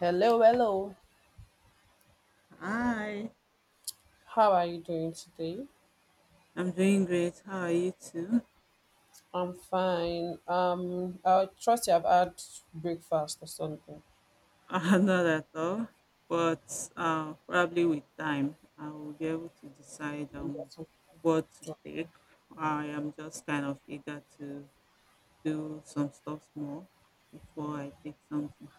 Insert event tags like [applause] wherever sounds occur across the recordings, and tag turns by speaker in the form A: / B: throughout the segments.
A: Hello, hello.
B: Hi,
A: How are you doing today?
B: I'm doing great. How are you too?
A: I'm fine. I trust you have had breakfast or something.
B: [laughs] Not at all, but probably with time, I will be able to decide what to take. I am just kind of eager to do some stuff more before I take something.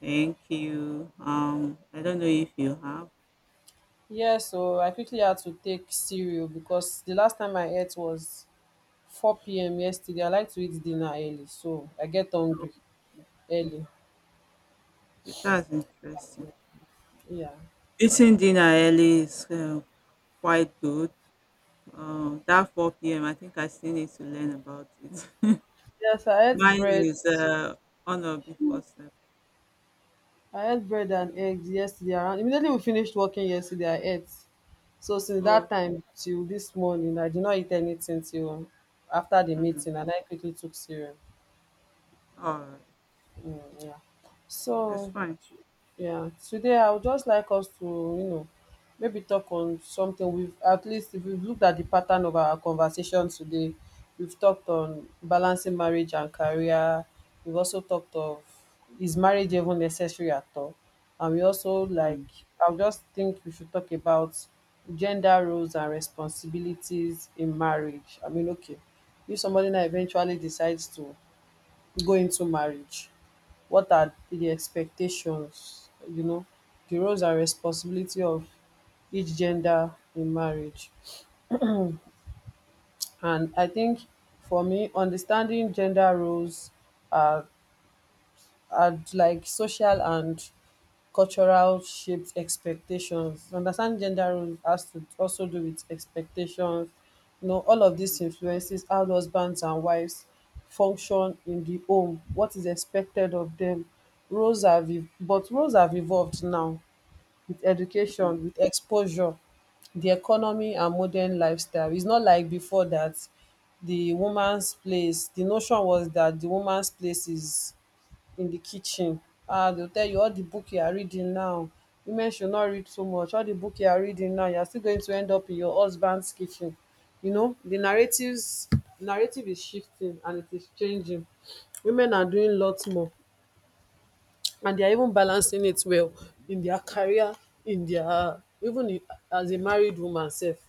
B: Thank you. I don't know if you have.
A: Yeah, so I quickly had to take cereal because the last time I ate was 4 p.m. yesterday. I like to eat dinner early, so I get
B: Oh,
A: hungry early.
B: okay, that's interesting.
A: Yeah.
B: Eating dinner early is quite good. That 4 p.m. I think I still need to learn about it. [laughs]
A: Yes, I ate
B: Mine
A: bread.
B: is honor before self.
A: I ate bread and eggs yesterday around immediately we finished working yesterday, I ate. So since that
B: Oh,
A: time till this morning, I did not eat anything till after the
B: mm,
A: meeting and I quickly took cereal.
B: all right.
A: Mm, yeah. So
B: That's fine.
A: yeah, today I would just like us to maybe talk on something we've at least if we've looked at the pattern of our conversation today, we've talked on balancing marriage and career. We've also talked of is marriage even necessary at all, and we also
B: Mm,
A: like I would just think we should talk about gender roles and responsibilities in marriage. I mean, okay, if somebody now eventually decides to go into marriage? What are the expectations, you know, the roles and responsibility of each gender in marriage? And I think for me, understanding gender roles are and like social and cultural shaped expectations. Understand gender roles has to also do with expectations. You know, all of
B: mm,
A: this influences how husbands and wives function in the home, what is expected of them. But roles have evolved now with
B: mm,
A: education, with exposure, the economy and modern lifestyle. It's not like before that the woman's place, the notion was that the woman's place is in the kitchen. Ah, they'll tell you all the book you are reading now, women should not read so much, all the book you are reading now you're still going to end up in your husband's kitchen. You know the narratives, narrative is shifting and it is changing. Women are doing lots more and they are even balancing it well in their career, in their even as a married woman self,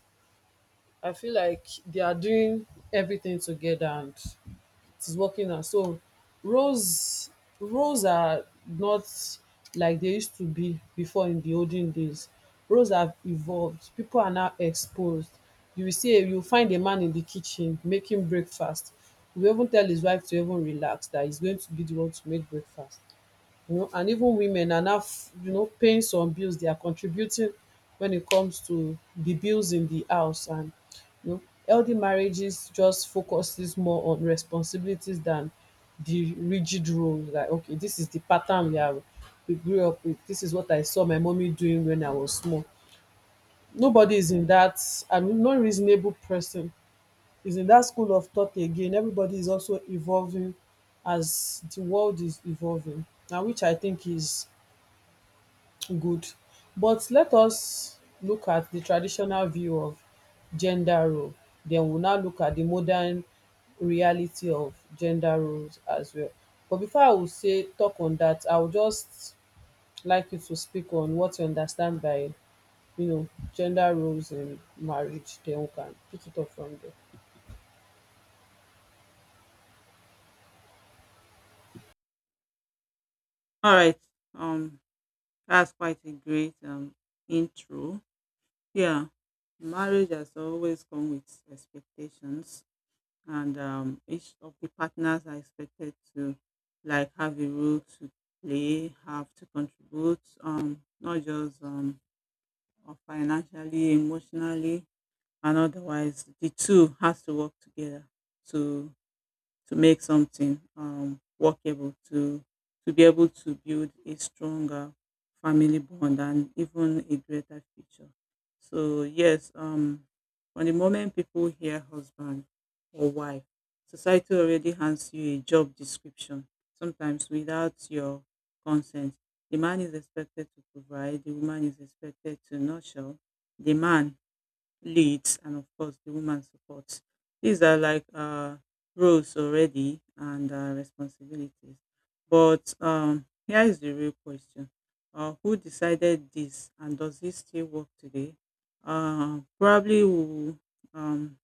A: I feel like they are doing everything together and it is working now. So roles roles are not like they used to be before in the olden days. Roles have evolved. People are now exposed. You will see you will find a man in the kitchen making breakfast. He will even tell his wife to even relax that he's going to be the one to make breakfast, you know, and even women are now you know paying some bills, they are contributing when it comes to the bills in the house and you know healthy marriages just focuses more on responsibilities than the rigid role, like okay this is the pattern we are, we grew up with, this is what I saw my mommy doing when I was small.
B: mm.
A: Nobody is in that and no reasonable person is in that school of thought again. Everybody is also evolving as the world is evolving, and which I think is good. But let us look at the traditional view of gender role. Then we'll now look at the modern reality of gender roles as well. But before I will say talk on that, I would just like you to speak on what you understand by you know gender roles in marriage. Then we can pick it up from there.
B: All right. Um, that's quite a great intro. Yeah, marriage has always come with expectations, and each of the partners are expected to like have a role to play, have to contribute. Not just financially, emotionally, and otherwise the two has to work together to to make something workable to be able to build a stronger family bond and even a greater future. So yes, from the moment people hear husband or wife, society already hands you a job description, sometimes without your consent. The man is expected to provide, the woman is expected to nurture, the man leads, and of course the woman supports. These are like roles already, and responsibilities. But here is the real question. Who decided this, and does it still work today? Probably we'll um,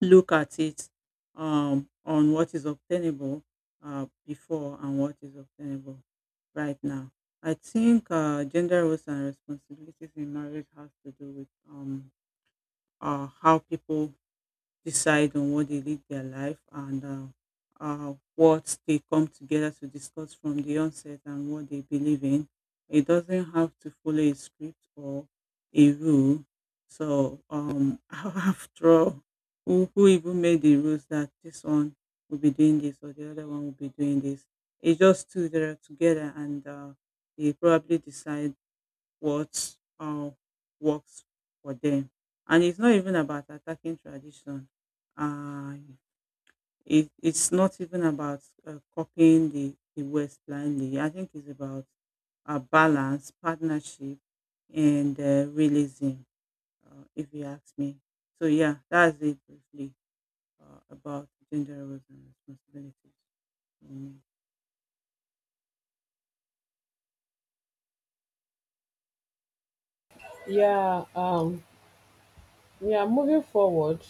B: look at it on what is obtainable before, and what is obtainable right now. I think gender roles and responsibilities in marriage has to do with how people decide on what they live their life, and what they come together to discuss from the onset, and what they believe in. It doesn't have to follow a script or a rule. So, [laughs] after all, who even made the rules that this one will be doing this or the other one will be doing this? It's just two that are together, and they probably decide what works for them. And it's not even about attacking tradition. Uh, it's not even about copying the West blindly. I think it's about a balance, partnership, and realism, if you ask me. So, yeah, that's it briefly about gender roles and responsibilities. Mm.
A: Yeah, yeah, moving forward,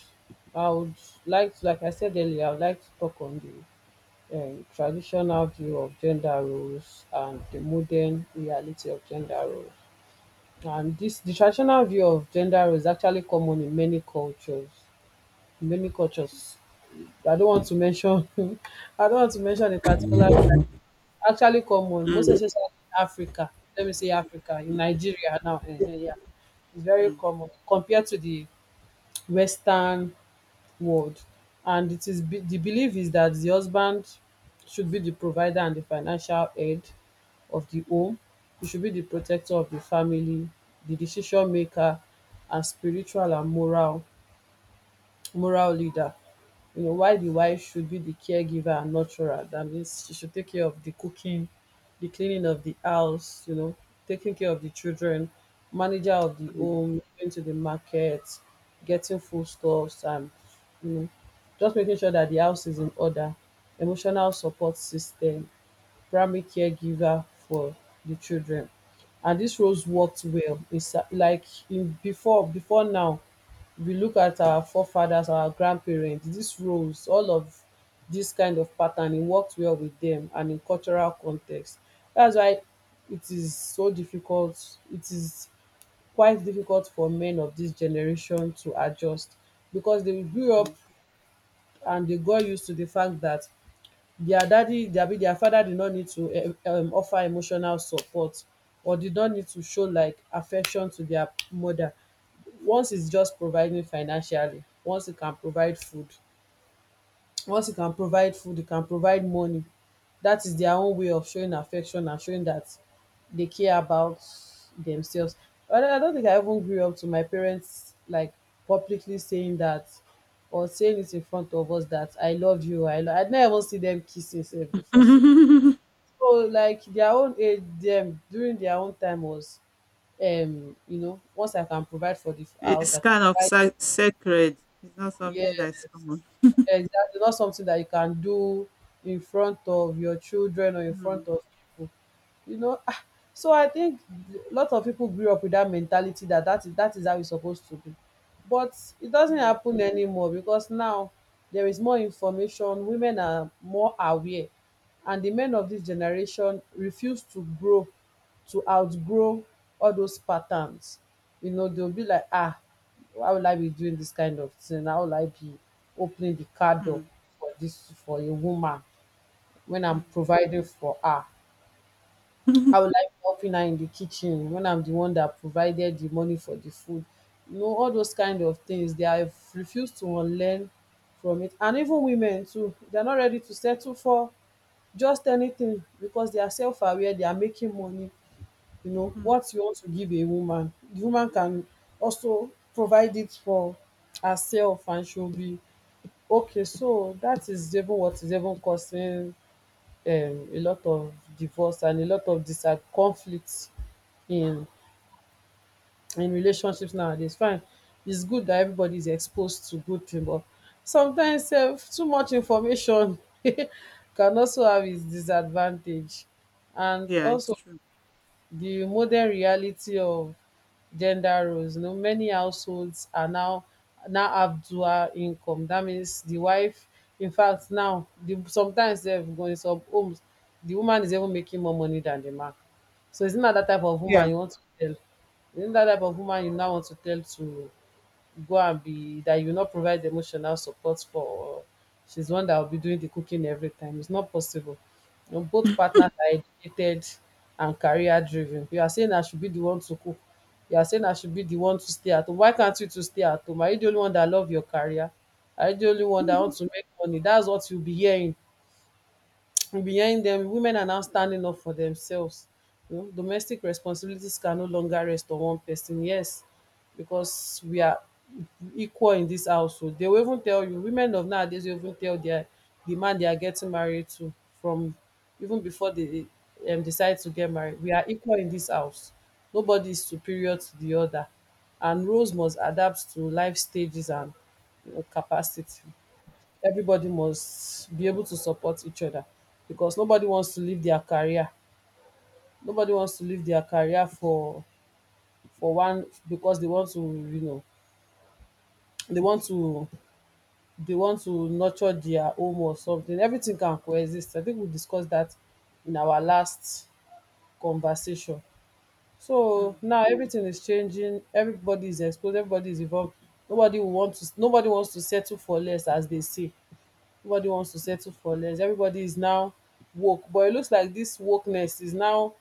A: I would like to, like I said earlier, I would like to talk on the traditional view of gender roles and the modern reality of gender roles. And this the traditional view of gender roles is actually common in many cultures. In many cultures, I don't want to mention. [laughs] I don't want to mention a particular tribe. Actually, common most
B: Mm,
A: especially in Africa. Let me say Africa in Nigeria now. Yeah, it's very
B: mm,
A: common compared to the Western world. And The belief is that the husband should be the provider and the financial head of the home. He should be the protector of the family, the decision maker, and spiritual and moral, moral leader. You know why the wife should be the caregiver and nurturer. That means she should take care of the cooking, the cleaning of the house, you know, taking care of the children, manager of the
B: mm,
A: home, going to the market, getting foodstuffs and you know just making sure that the house is in order, emotional support system, primary caregiver for the children. And dis roles worked well. It's like in before, before now we look at our forefathers, our grandparents, dis roles, all of this kind of pattern, it worked well with them and in cultural context. That's why it is so difficult, it is quite difficult for men of this generation to adjust, because they grew up
B: mm,
A: and they got used to the fact that their daddy abi their father did not need to offer emotional support, or did not need to show like affection to their mother. Once it's just providing financially, once it can provide food, once you can provide food, you can provide money. That is their own way of showing affection and showing that they care about themselves. But I don't think I even grew up to my parents like publicly saying that, or saying it in front of us that I love you. I'd never even see them kissing sef before sef.
B: mm. [laughs]
A: So like their own age them, during their own time was, um, you know, once I can provide for the house
B: It's
A: I can
B: kind of
A: provide.
B: sacred. It's not
A: Yeah,
B: something that's common.
A: exactly, not something that you can do in front of your children or in
B: Mm,
A: front of people. You know? Ah, so I think a lot of people grew up with that mentality, that that is how it's supposed to be. But it doesn't
B: mm,
A: happen anymore, because now there is more information, women are more aware, and the men of this generation refuse to grow, to outgrow all those patterns. You know, they'll be like, ah, why would I be doing this kind of thing? How will I be opening the car door
B: mm,
A: for a woman when I'm providing for her?
B: mm.
A: I
B: [laughs]
A: would like helping her in the kitchen when I'm the one that provided the money for the food. You know, all those kind of things, they have refused to unlearn from it. And even women too, they're not ready to settle for just anything, because they are self-aware, they are making money. You know,
B: Mm.
A: what you want to give a woman, the woman can also provide it for herself and she'll be okay. So that is even what is even causing a lot of divorce and a lot of dis conflict in in relationships nowadays. Fine, it's good that everybody is exposed to good thing, but sometimes sef too much information [laughs] can also have its disadvantage. And
B: Yeah, it's
A: also
B: true.
A: the modern reality of gender roles. You know, many households are now, have dual income. That means the wife, in fact, now sometimes they in some homes, the woman is even making more money than the man. So it's not that type of
B: Yeah.
A: woman you want to tell. It's not that type of woman you now want to tell to go and be that you will not provide emotional support for, or she's the one that will be doing the cooking every time. It's not possible. You know, both partners are educated and career driven. You are saying I should be the one to cook. You are saying I should be the one to stay at home. Why can't you to stay at home? Are you the only one that love your career? Are you the only
B: [laughs]
A: one that
B: Mhm.
A: wants to make money? That's what you'll be hearing behind them. Women are now standing up for themselves. You know domestic responsibilities can no longer rest on one person, yes, because we are equal in this household. They will even tell you, women of nowadays will even tell their, the man they are getting married to from even before they decide to get married, we are equal in this house, nobody is superior to the other. And roles must adapt to life stages and you know, capacity. Everybody must be able to support each other, because nobody wants to leave their career, for one, because they want to, you know, they want to they want to nurture their home or something. Everything can coexist. I think we discussed that in our last conversation. So
B: Mm.
A: now everything is changing, everybody is exposed, everybody is involved. Nobody wants to settle for less, as they say. Nobody wants to settle for less. Everybody is now woke. But it looks like this wokeness is now,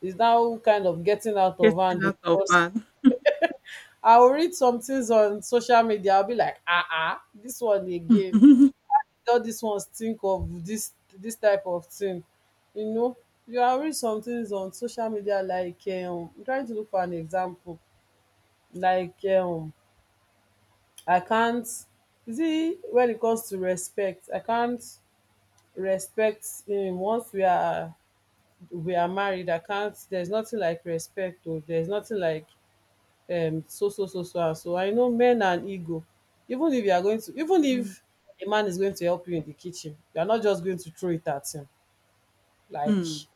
A: kind of getting out of
B: Getting
A: hand, oh,
B: out of
A: because
B: hand.
A: I will read some things on social media. I'll be like, ah ah, this one again.
B: [laughs]
A: All these ones think of this type of thing. You know, you are read some things on social media like I'm trying to look for an example. Like I can't see. When it comes to respect, I can't respect him. Once we are married, I can't. There's nothing like respect, or there's nothing like and so. I know men and ego. Even if you are going to even
B: Mm,
A: if a man is going to help you in the kitchen, you are not just going to throw it at him like,
B: mm.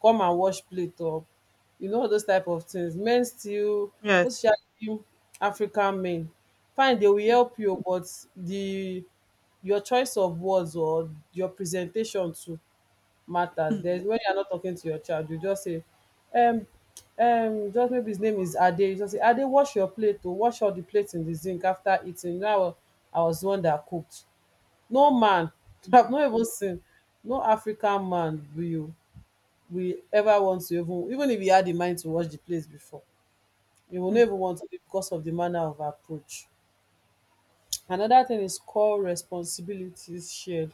A: come and wash plate up. You know, all those type of things, men still,
B: Yes.
A: most especially African men, fine, they will help you, but the, your choice of words or your presentation too matters. There's,
B: Mm,
A: when you're not talking to your child, you just say, um, just maybe his name is Ade. You just say, Ade, wash your plate, to wash all the plates in the zinc after eating. Now I was the one that cooked. No man, [laughs] I've
B: mm,
A: not even seen, no African man will ever want to, even if he had the mind to wash the plates before, he will never
B: mm,
A: want to because of the manner of approach. Another thing is core responsibilities shared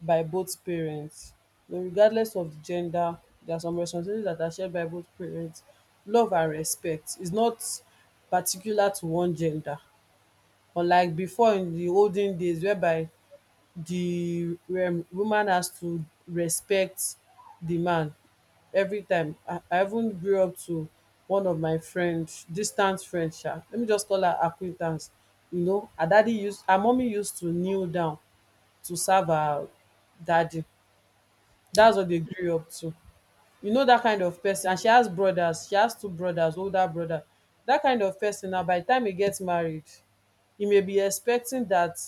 A: by both parents. So regardless of the gender, there are some responsibilities that are shared by both parents. Love and respect is not particular to one gender. Unlike before, in the olden days, whereby the woman has to respect the man every time. I even grew up to one of my friends, distant friends, sha. Let me just call her acquaintance. You know, her her mommy used to kneel down to serve her daddy.
B: mm,
A: That's what they grew up to. You know, that kind of person. And she has brothers. She has two brothers, older brother. That kind of person. Now, by the time he gets married, he may be expecting that,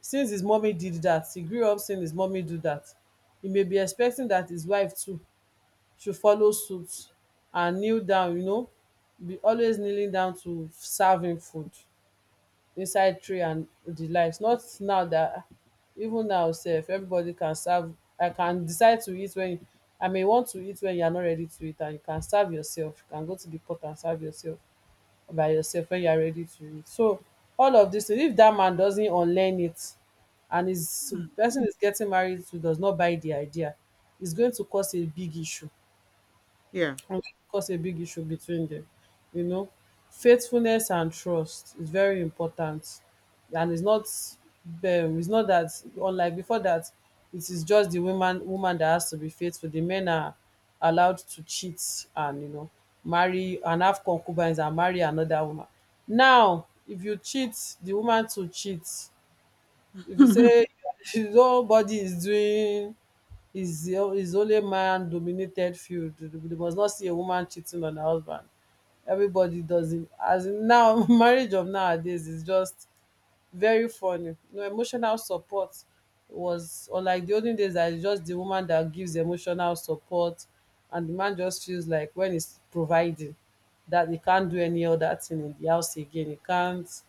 A: since his mommy did that, he grew up seeing his mommy do that. He may be expecting that his wife too should follow suit and kneel down, you know, be always kneeling down to serve him food inside tray and the likes. Not now that, even now sef, everybody can serve. I can decide to eat when, I may want to eat when you are not ready to eat, and you can serve yourself. You can go to the pot and serve yourself by yourself when you are ready to read. So all of this, if that man doesn't unlearn it, and his
B: mm.
A: person is getting married to does not buy the idea, it's going to cause a big issue
B: Yeah.
A: and can cause a big issue between them. You know, faithfulness and trust is very important, and it's not that, unlike before that it is just the woman that has to be faithful. The men are allowed to cheat and, you know, marry and have concubines and marry another woman. Now, if you cheat, the woman to cheat. If you say,
B: [laughs]
A: [laughs] nobody is doing, is the, is only a man dominated field, they must not see a woman cheating on her husband. Everybody does it, as in now. [laughs] Marriage of nowadays is just very funny. No emotional support, was unlike the olden days that it's just the woman that gives emotional support, and the man just feels like when he's providing that he can't do any other thing in the house again. He can't,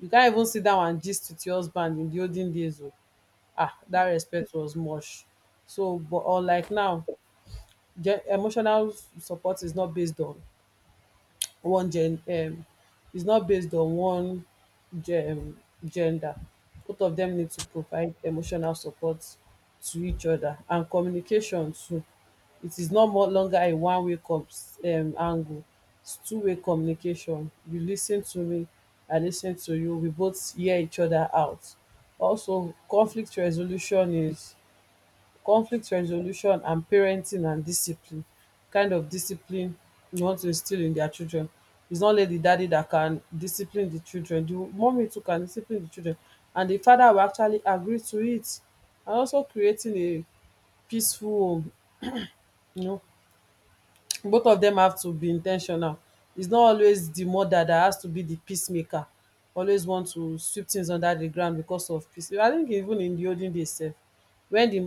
A: you can't even sit down and gist with your husband in the olden days oh. Ah, that respect was much so. But or like now, gen emotional support is not based on one gen is not based on one gen um, gender. Both of them need to provide emotional support to each other, and communication too. It is no more longer a one way cons angle. It's two-way communication. You lis ten to me, I lis ten to you, we both hear each other out. Also conflict resolution is, conflict resolution and parenting and discipline, kind of discipline you want to instill in their children. It's not only the daddy that can discipline the children, the mommy too can discipline the children, and the father will actually agree to it. And also creating a peaceful home, you know, both of them have to be intentional. It's not always the mother that has to be the peacemaker, always want to sweep things under the ground because of peace. I think even in the olden days sef, wen di,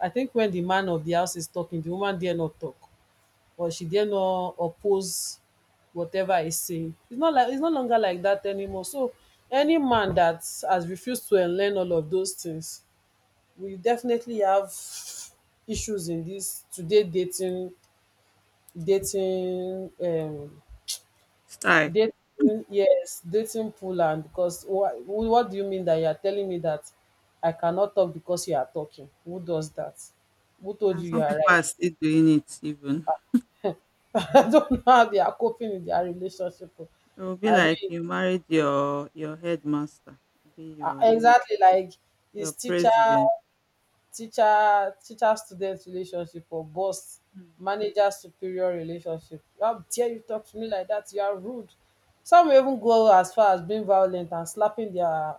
A: I think when the man of the house is talking, the woman dare not talk, or she dare not oppose whatever he's saying. It's not like, it's no longer like that anymore. So any man that has refused to learn all of those things, we definitely have issues in this today dating, dating um
B: Style.
A: dating. Yes, dating pool. And because what do you mean that you are telling me that I cannot talk because you are talking? Who does that? Who told
B: And
A: you you
B: some
A: are
B: people are
A: right?
B: still doing it even.
A: [laughs] I don't know how they are coping in their relationship oh.
B: It will be
A: I
B: like
A: mean,
B: you married your headmaster, be
A: ah,
B: your
A: exactly like his
B: your
A: teacher,
B: president.
A: teacher student relationship, or boss,
B: Mm.
A: manager, superior relationship. How dare you talk to me like that? You are rude. Some will even go as far as being violent and slapping their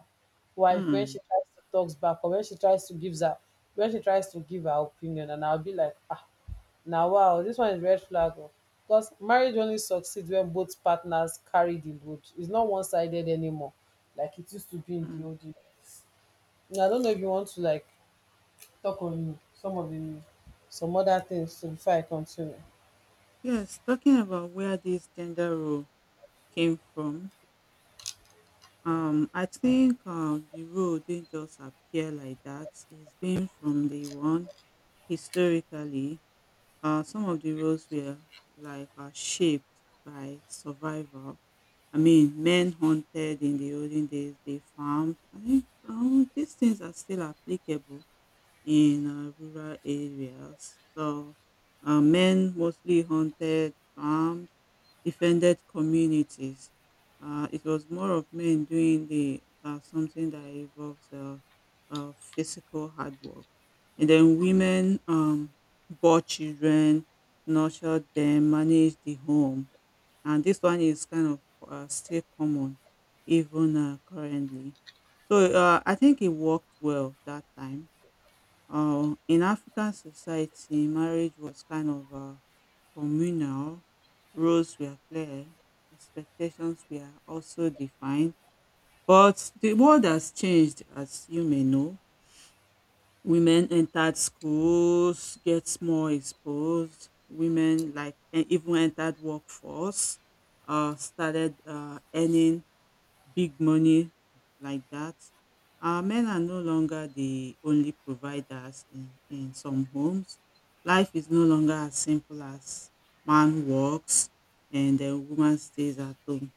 A: wife when she
B: Mm.
A: tries to talk back, or when she tries to give her, when she tries to give her opinion. And I'll be like, ah, now wow, this one is red flag oh." Because marriage only succeeds when both partners carry the load. It's not one-sided anymore like it used to be in the
B: Mm.
A: old days. I don't know if you want to like talk on some of the, some other things too before I continue.
B: Yes, talking about where this gender role came from, I think the role didn't just appear like that. It's been from day one. Historically, some of the roles were like shaped by survival. I mean, men hunted in the olden days, they farmed. I think these things are still applicable in rural areas. So, men mostly hunted, farmed, defended communities. It was more of men doing the something that involves physical hard work, and then women bore children, nurtured them, managed the home, and this one is kind of still common even currently. So I think it worked well that time. In African society, marriage was kind of communal. Roles were clear, expectations were also defined. But the world has changed, as you may know. Women entered schools, gets more exposed. Women like even entered workforce, started earning big money like that. Men are no longer the only providers in some homes. Life is no longer as simple as man works and the woman stays at home.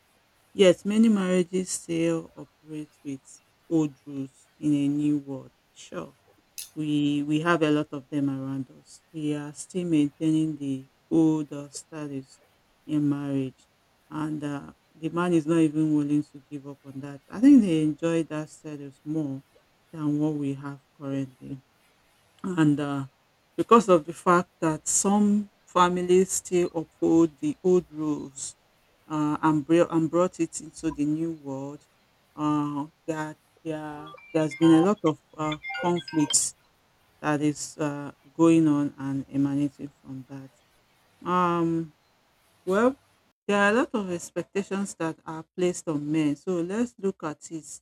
B: Yet many marriages still operate with old rules in a new world. Sure, we have a lot of them around us. We are still maintaining the old status in marriage, and the man is not even willing to give up on that. I think they enjoy that status more than what we have currently, and because of the fact that some families still uphold the old rules and brought it into the new world, that there's been a lot of conflicts that is going on and emanating from that. Um, well, there are a lot of expectations that are placed on men. So let's look at it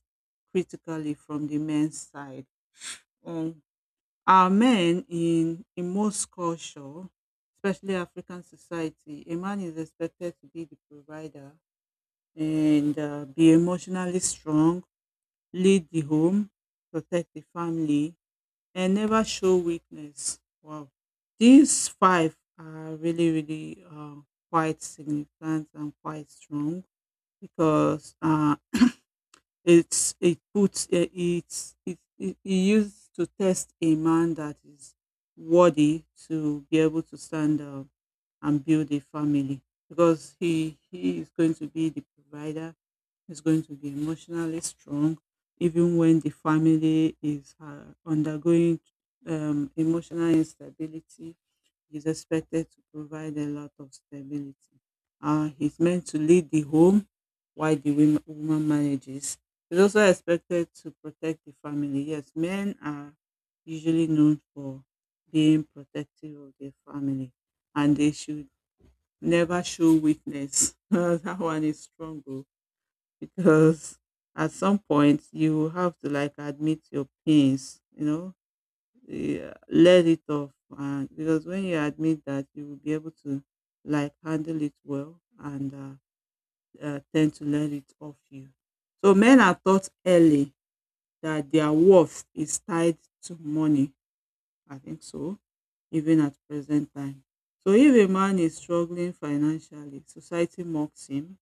B: critically from the men's side. Um, are men in most culture, especially African society, a man is expected to be the provider and be emotionally strong, lead the home, protect the family, and never show weakness. Wow. These five are really, really quite significant and quite strong, because it's it puts it's it, it, it used to test a man that is worthy to be able to stand up and build a family, because he is going to be the provider, is going to be emotionally strong, even when the family is undergoing emotional instability. He's expected to provide a lot of stability. He's meant to lead the home while the woman manages. He's also expected to protect the family. Yes, men are usually known for being protective of their family, and they should never show weakness. [laughs] That one is strong. Oh, because at some point you have to like admit your pains, yeah, let it off. And because when you admit that, you will be able to like handle it well, and tend to let it off you. So men are taught early that their worth is tied to money. I think so, even at present time. So if a man is struggling financially, society mocks him,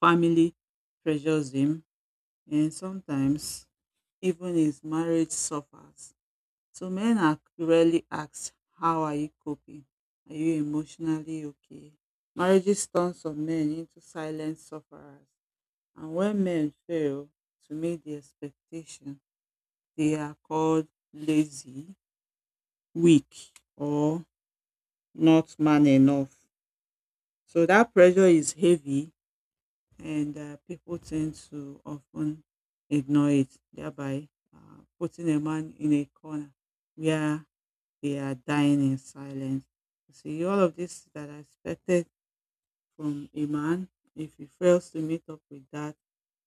B: family pressures him, and sometimes even his marriage suffers. So men are rarely asked, how are you coping? Are you emotionally okay? Marriages turn some men into silent sufferers. And when men fail to meet the expectation, they are called lazy, weak, or not man enough. So that pressure is heavy, and people tend to often ignore it, thereby putting a man in a corner where they are dying in silence. You see, all of this that I expected from a man. If he fails to meet up with that,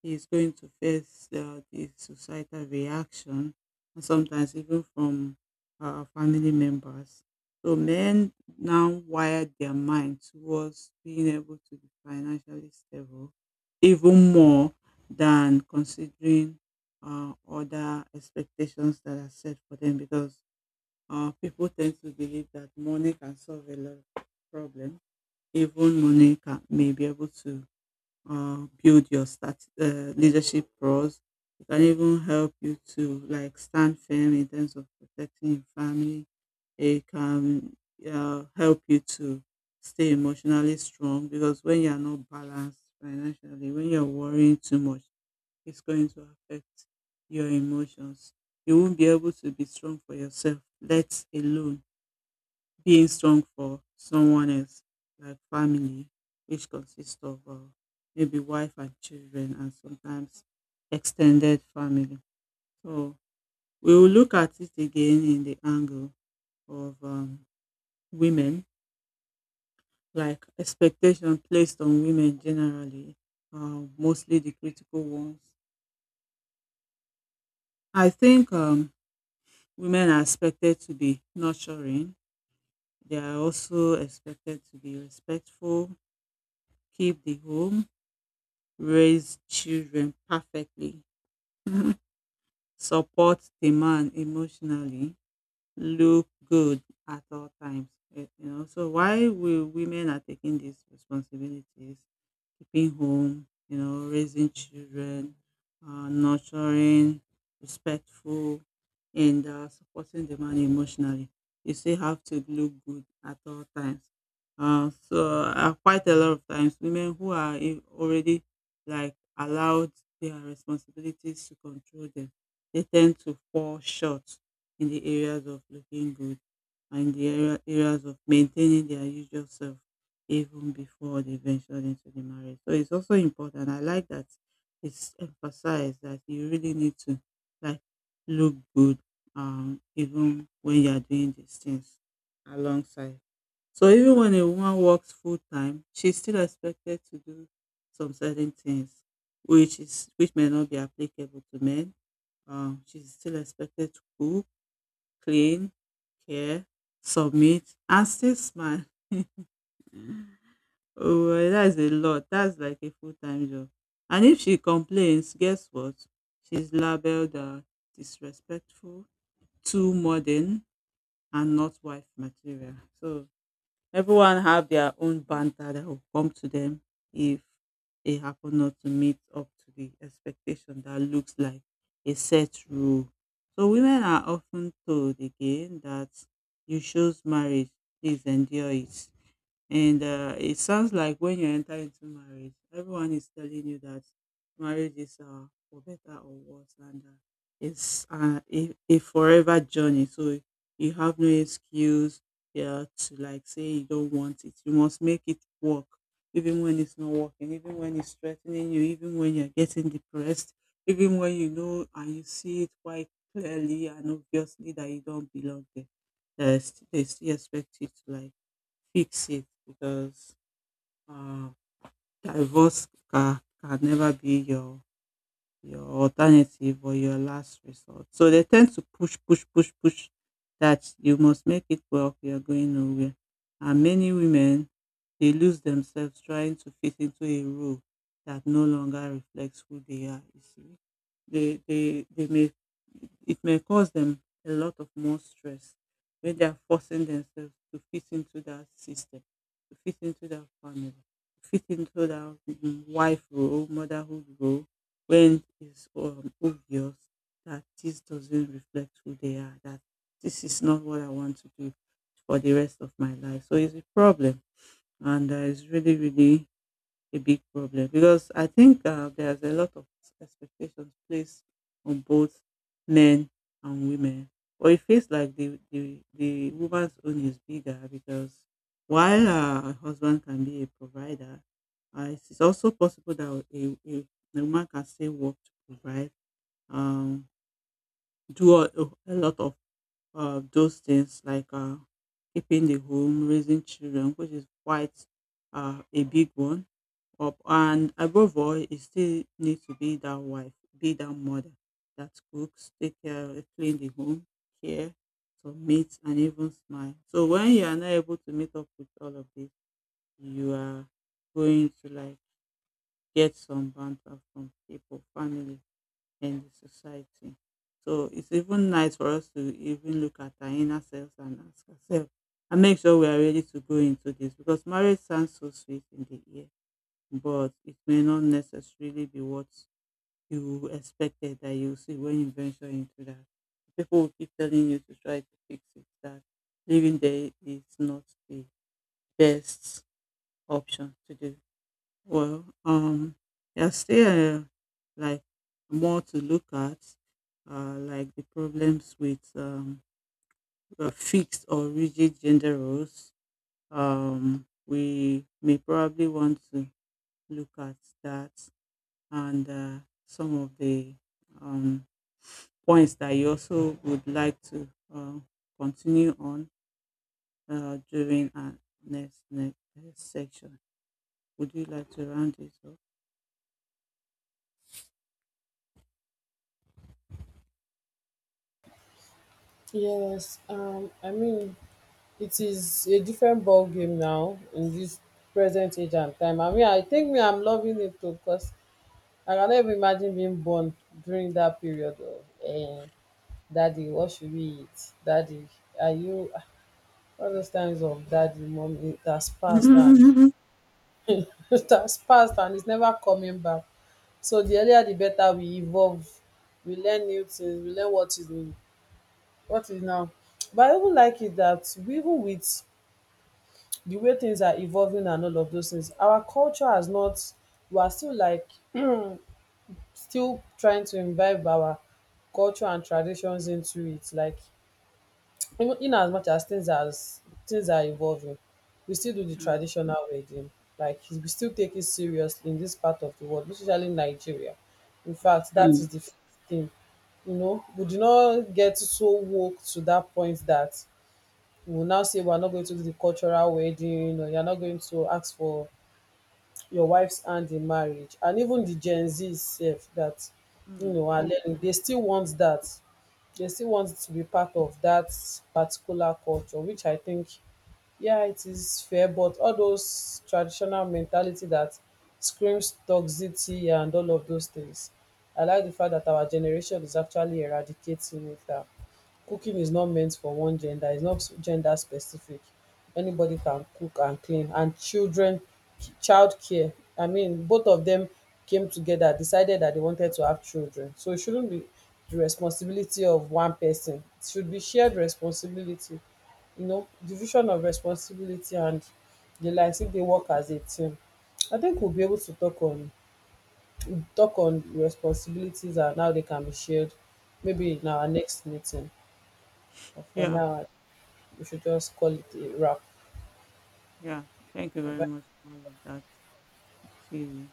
B: he is going to face the societal reaction, and sometimes even from family members. So men now wire their mind towards being able to be financially stable, even more than considering other expectations that are set for them, because people tend to believe that money can solve a lot of problems. Even money can may be able to build your start leadership pros. It can even help you to like stand firm in terms of protecting your family. It can help you to stay emotionally strong, because when you are not balanced financially, when you're worrying too much, it's going to affect your emotions. You won't be able to be strong for yourself, let alone being strong for someone else, like family, which consists of maybe wife and children, and sometimes extended family. So we will look at it again in the angle of women, like expectation placed on women generally, mostly the critical ones. I think women are expected to be nurturing. They are also expected to be respectful, keep the home, raise children perfectly, [laughs] support the man emotionally, look good at all times. So why we women are taking these responsibilities: keeping home, raising children, nurturing, respectful, and supporting the man emotionally. You still have to look good at all times. So quite a lot of times, women who are already like allowed their responsibilities to control them, they tend to fall short in the areas of looking good, and the areas of maintaining their usual self even before they ventured into the marriage. So it's also important. I like that it's emphasized that you really need to like look good, even when you are doing these things alongside. So even when a woman works full time, she's still expected to do some certain things, which may not be applicable to men. She's still expected to cook, clean, care, submit, and still smile. Oh, well, that's a lot. That's like a full-time job. And if she complains, guess what? She's labeled disrespectful, too modern, and not wife material. So everyone have their own banter that will come to them if they happen not to meet up to the expectation that looks like a set rule. So women are often told again that you chose marriage, please endure it, and it sounds like when you enter into marriage, everyone is telling you that marriage is for better or worse, and it's a, forever journey. So you have no excuse, yeah, to like say you don't want it. You must make it work, even when it's not working, even when it's threatening you, even when you're getting depressed, even when you know and you see it quite clearly and obviously that you don't belong there. Uh, they still expect you to like fix it, because uh, divorce can never be your alternative or your last resort. So they tend to push, push, push, push, that you must make it work, you're going nowhere. And many women, they lose themselves trying to fit into a role that no longer reflects who they are, you see. They, they, they may, it may cause them a lot of more stress when they are forcing themselves to fit into that system, to fit into that family, to fit into that wife role, motherhood role, when it's obvious that this doesn't reflect who they are, that this is not what I want to do for the rest of my life. So it's a problem, and it's really, really a big problem, because I think there's a lot of expectations placed on both men and women. Or it feels like the woman's own is bigger, because while a husband can be a provider, it's also possible that a woman can still work to provide, um, do a lot of those things, like keeping the home, raising children, which is quite a big one. Up and above all, it still need to be that wife, be that mother, that cooks, take care, clean the home, care, submit, and even smile. So when you are not able to meet up with all of this, you are going to like get some banter from people, family, and the society. So it's even nice for us to even look at our inner selves and ask ourselves, and make sure we are ready to go into this, because marriage sounds so sweet in the ear, but it may not necessarily be what you expected that you see when you venture into that. People will keep telling you to try to fix it, that living there is not the best option to do. Well, there's still like more to look at, like the problems with fixed or rigid gender roles. We may probably want to look at that, and some of the um, points that you also would like to uh, continue on during our next section. Would you like to round this up?
A: Yes, I mean, it is a different ball game now in this present age and time. I mean, I think me, I'm loving it too, because I can never imagine being born during that period of, eh, daddy, what should we eat? Daddy, are you, ah, all those times of daddy, mommy, that's passed, and
B: Mm,
A: [laughs] that's passed, and it's never coming back. So the earlier the better we evolve. We learn new things, we learn what is in-, what is now. But I even like it that we, even with the way things are evolving and all of those things, our culture has not, we are still like [clears throat] still trying to imbibe our culture and traditions into it. Like in as much as things are evolving, we still do the
B: mm,
A: traditional wedding, like we still take it seriously in this part of the world, especially Nigeria. In fact, that is
B: mm.
A: the first thing. You know, we do not get so woke to that point that we will now say we are not going to do the cultural wedding, or you are not going to ask for your wife's hand in marriage. And even the gen z sef, that you
B: Mm.
A: know are learning, they still want that, they still want to be part of that particular culture, which I think, yeah, it is fair. But all those traditional mentality that screams toxicity and all of those things, I like the fact that our generation is actually eradicating it now. Cooking is not meant for one gender, it's not gender specific. Anybody can cook and clean. And children, child care. I mean, both of them came together, decided that they wanted to have children. So it shouldn't be the responsibility of one person, it should be shared responsibility. You know, division of responsibility and the likes, if they work as a team. I think we'll be able to talk on responsibilities and how they can be shared, maybe in our next meeting. But for
B: Yeah,
A: now, we should Wichita's quality rock
B: yeah. Thank you very
A: band.
B: much for all of that. See you.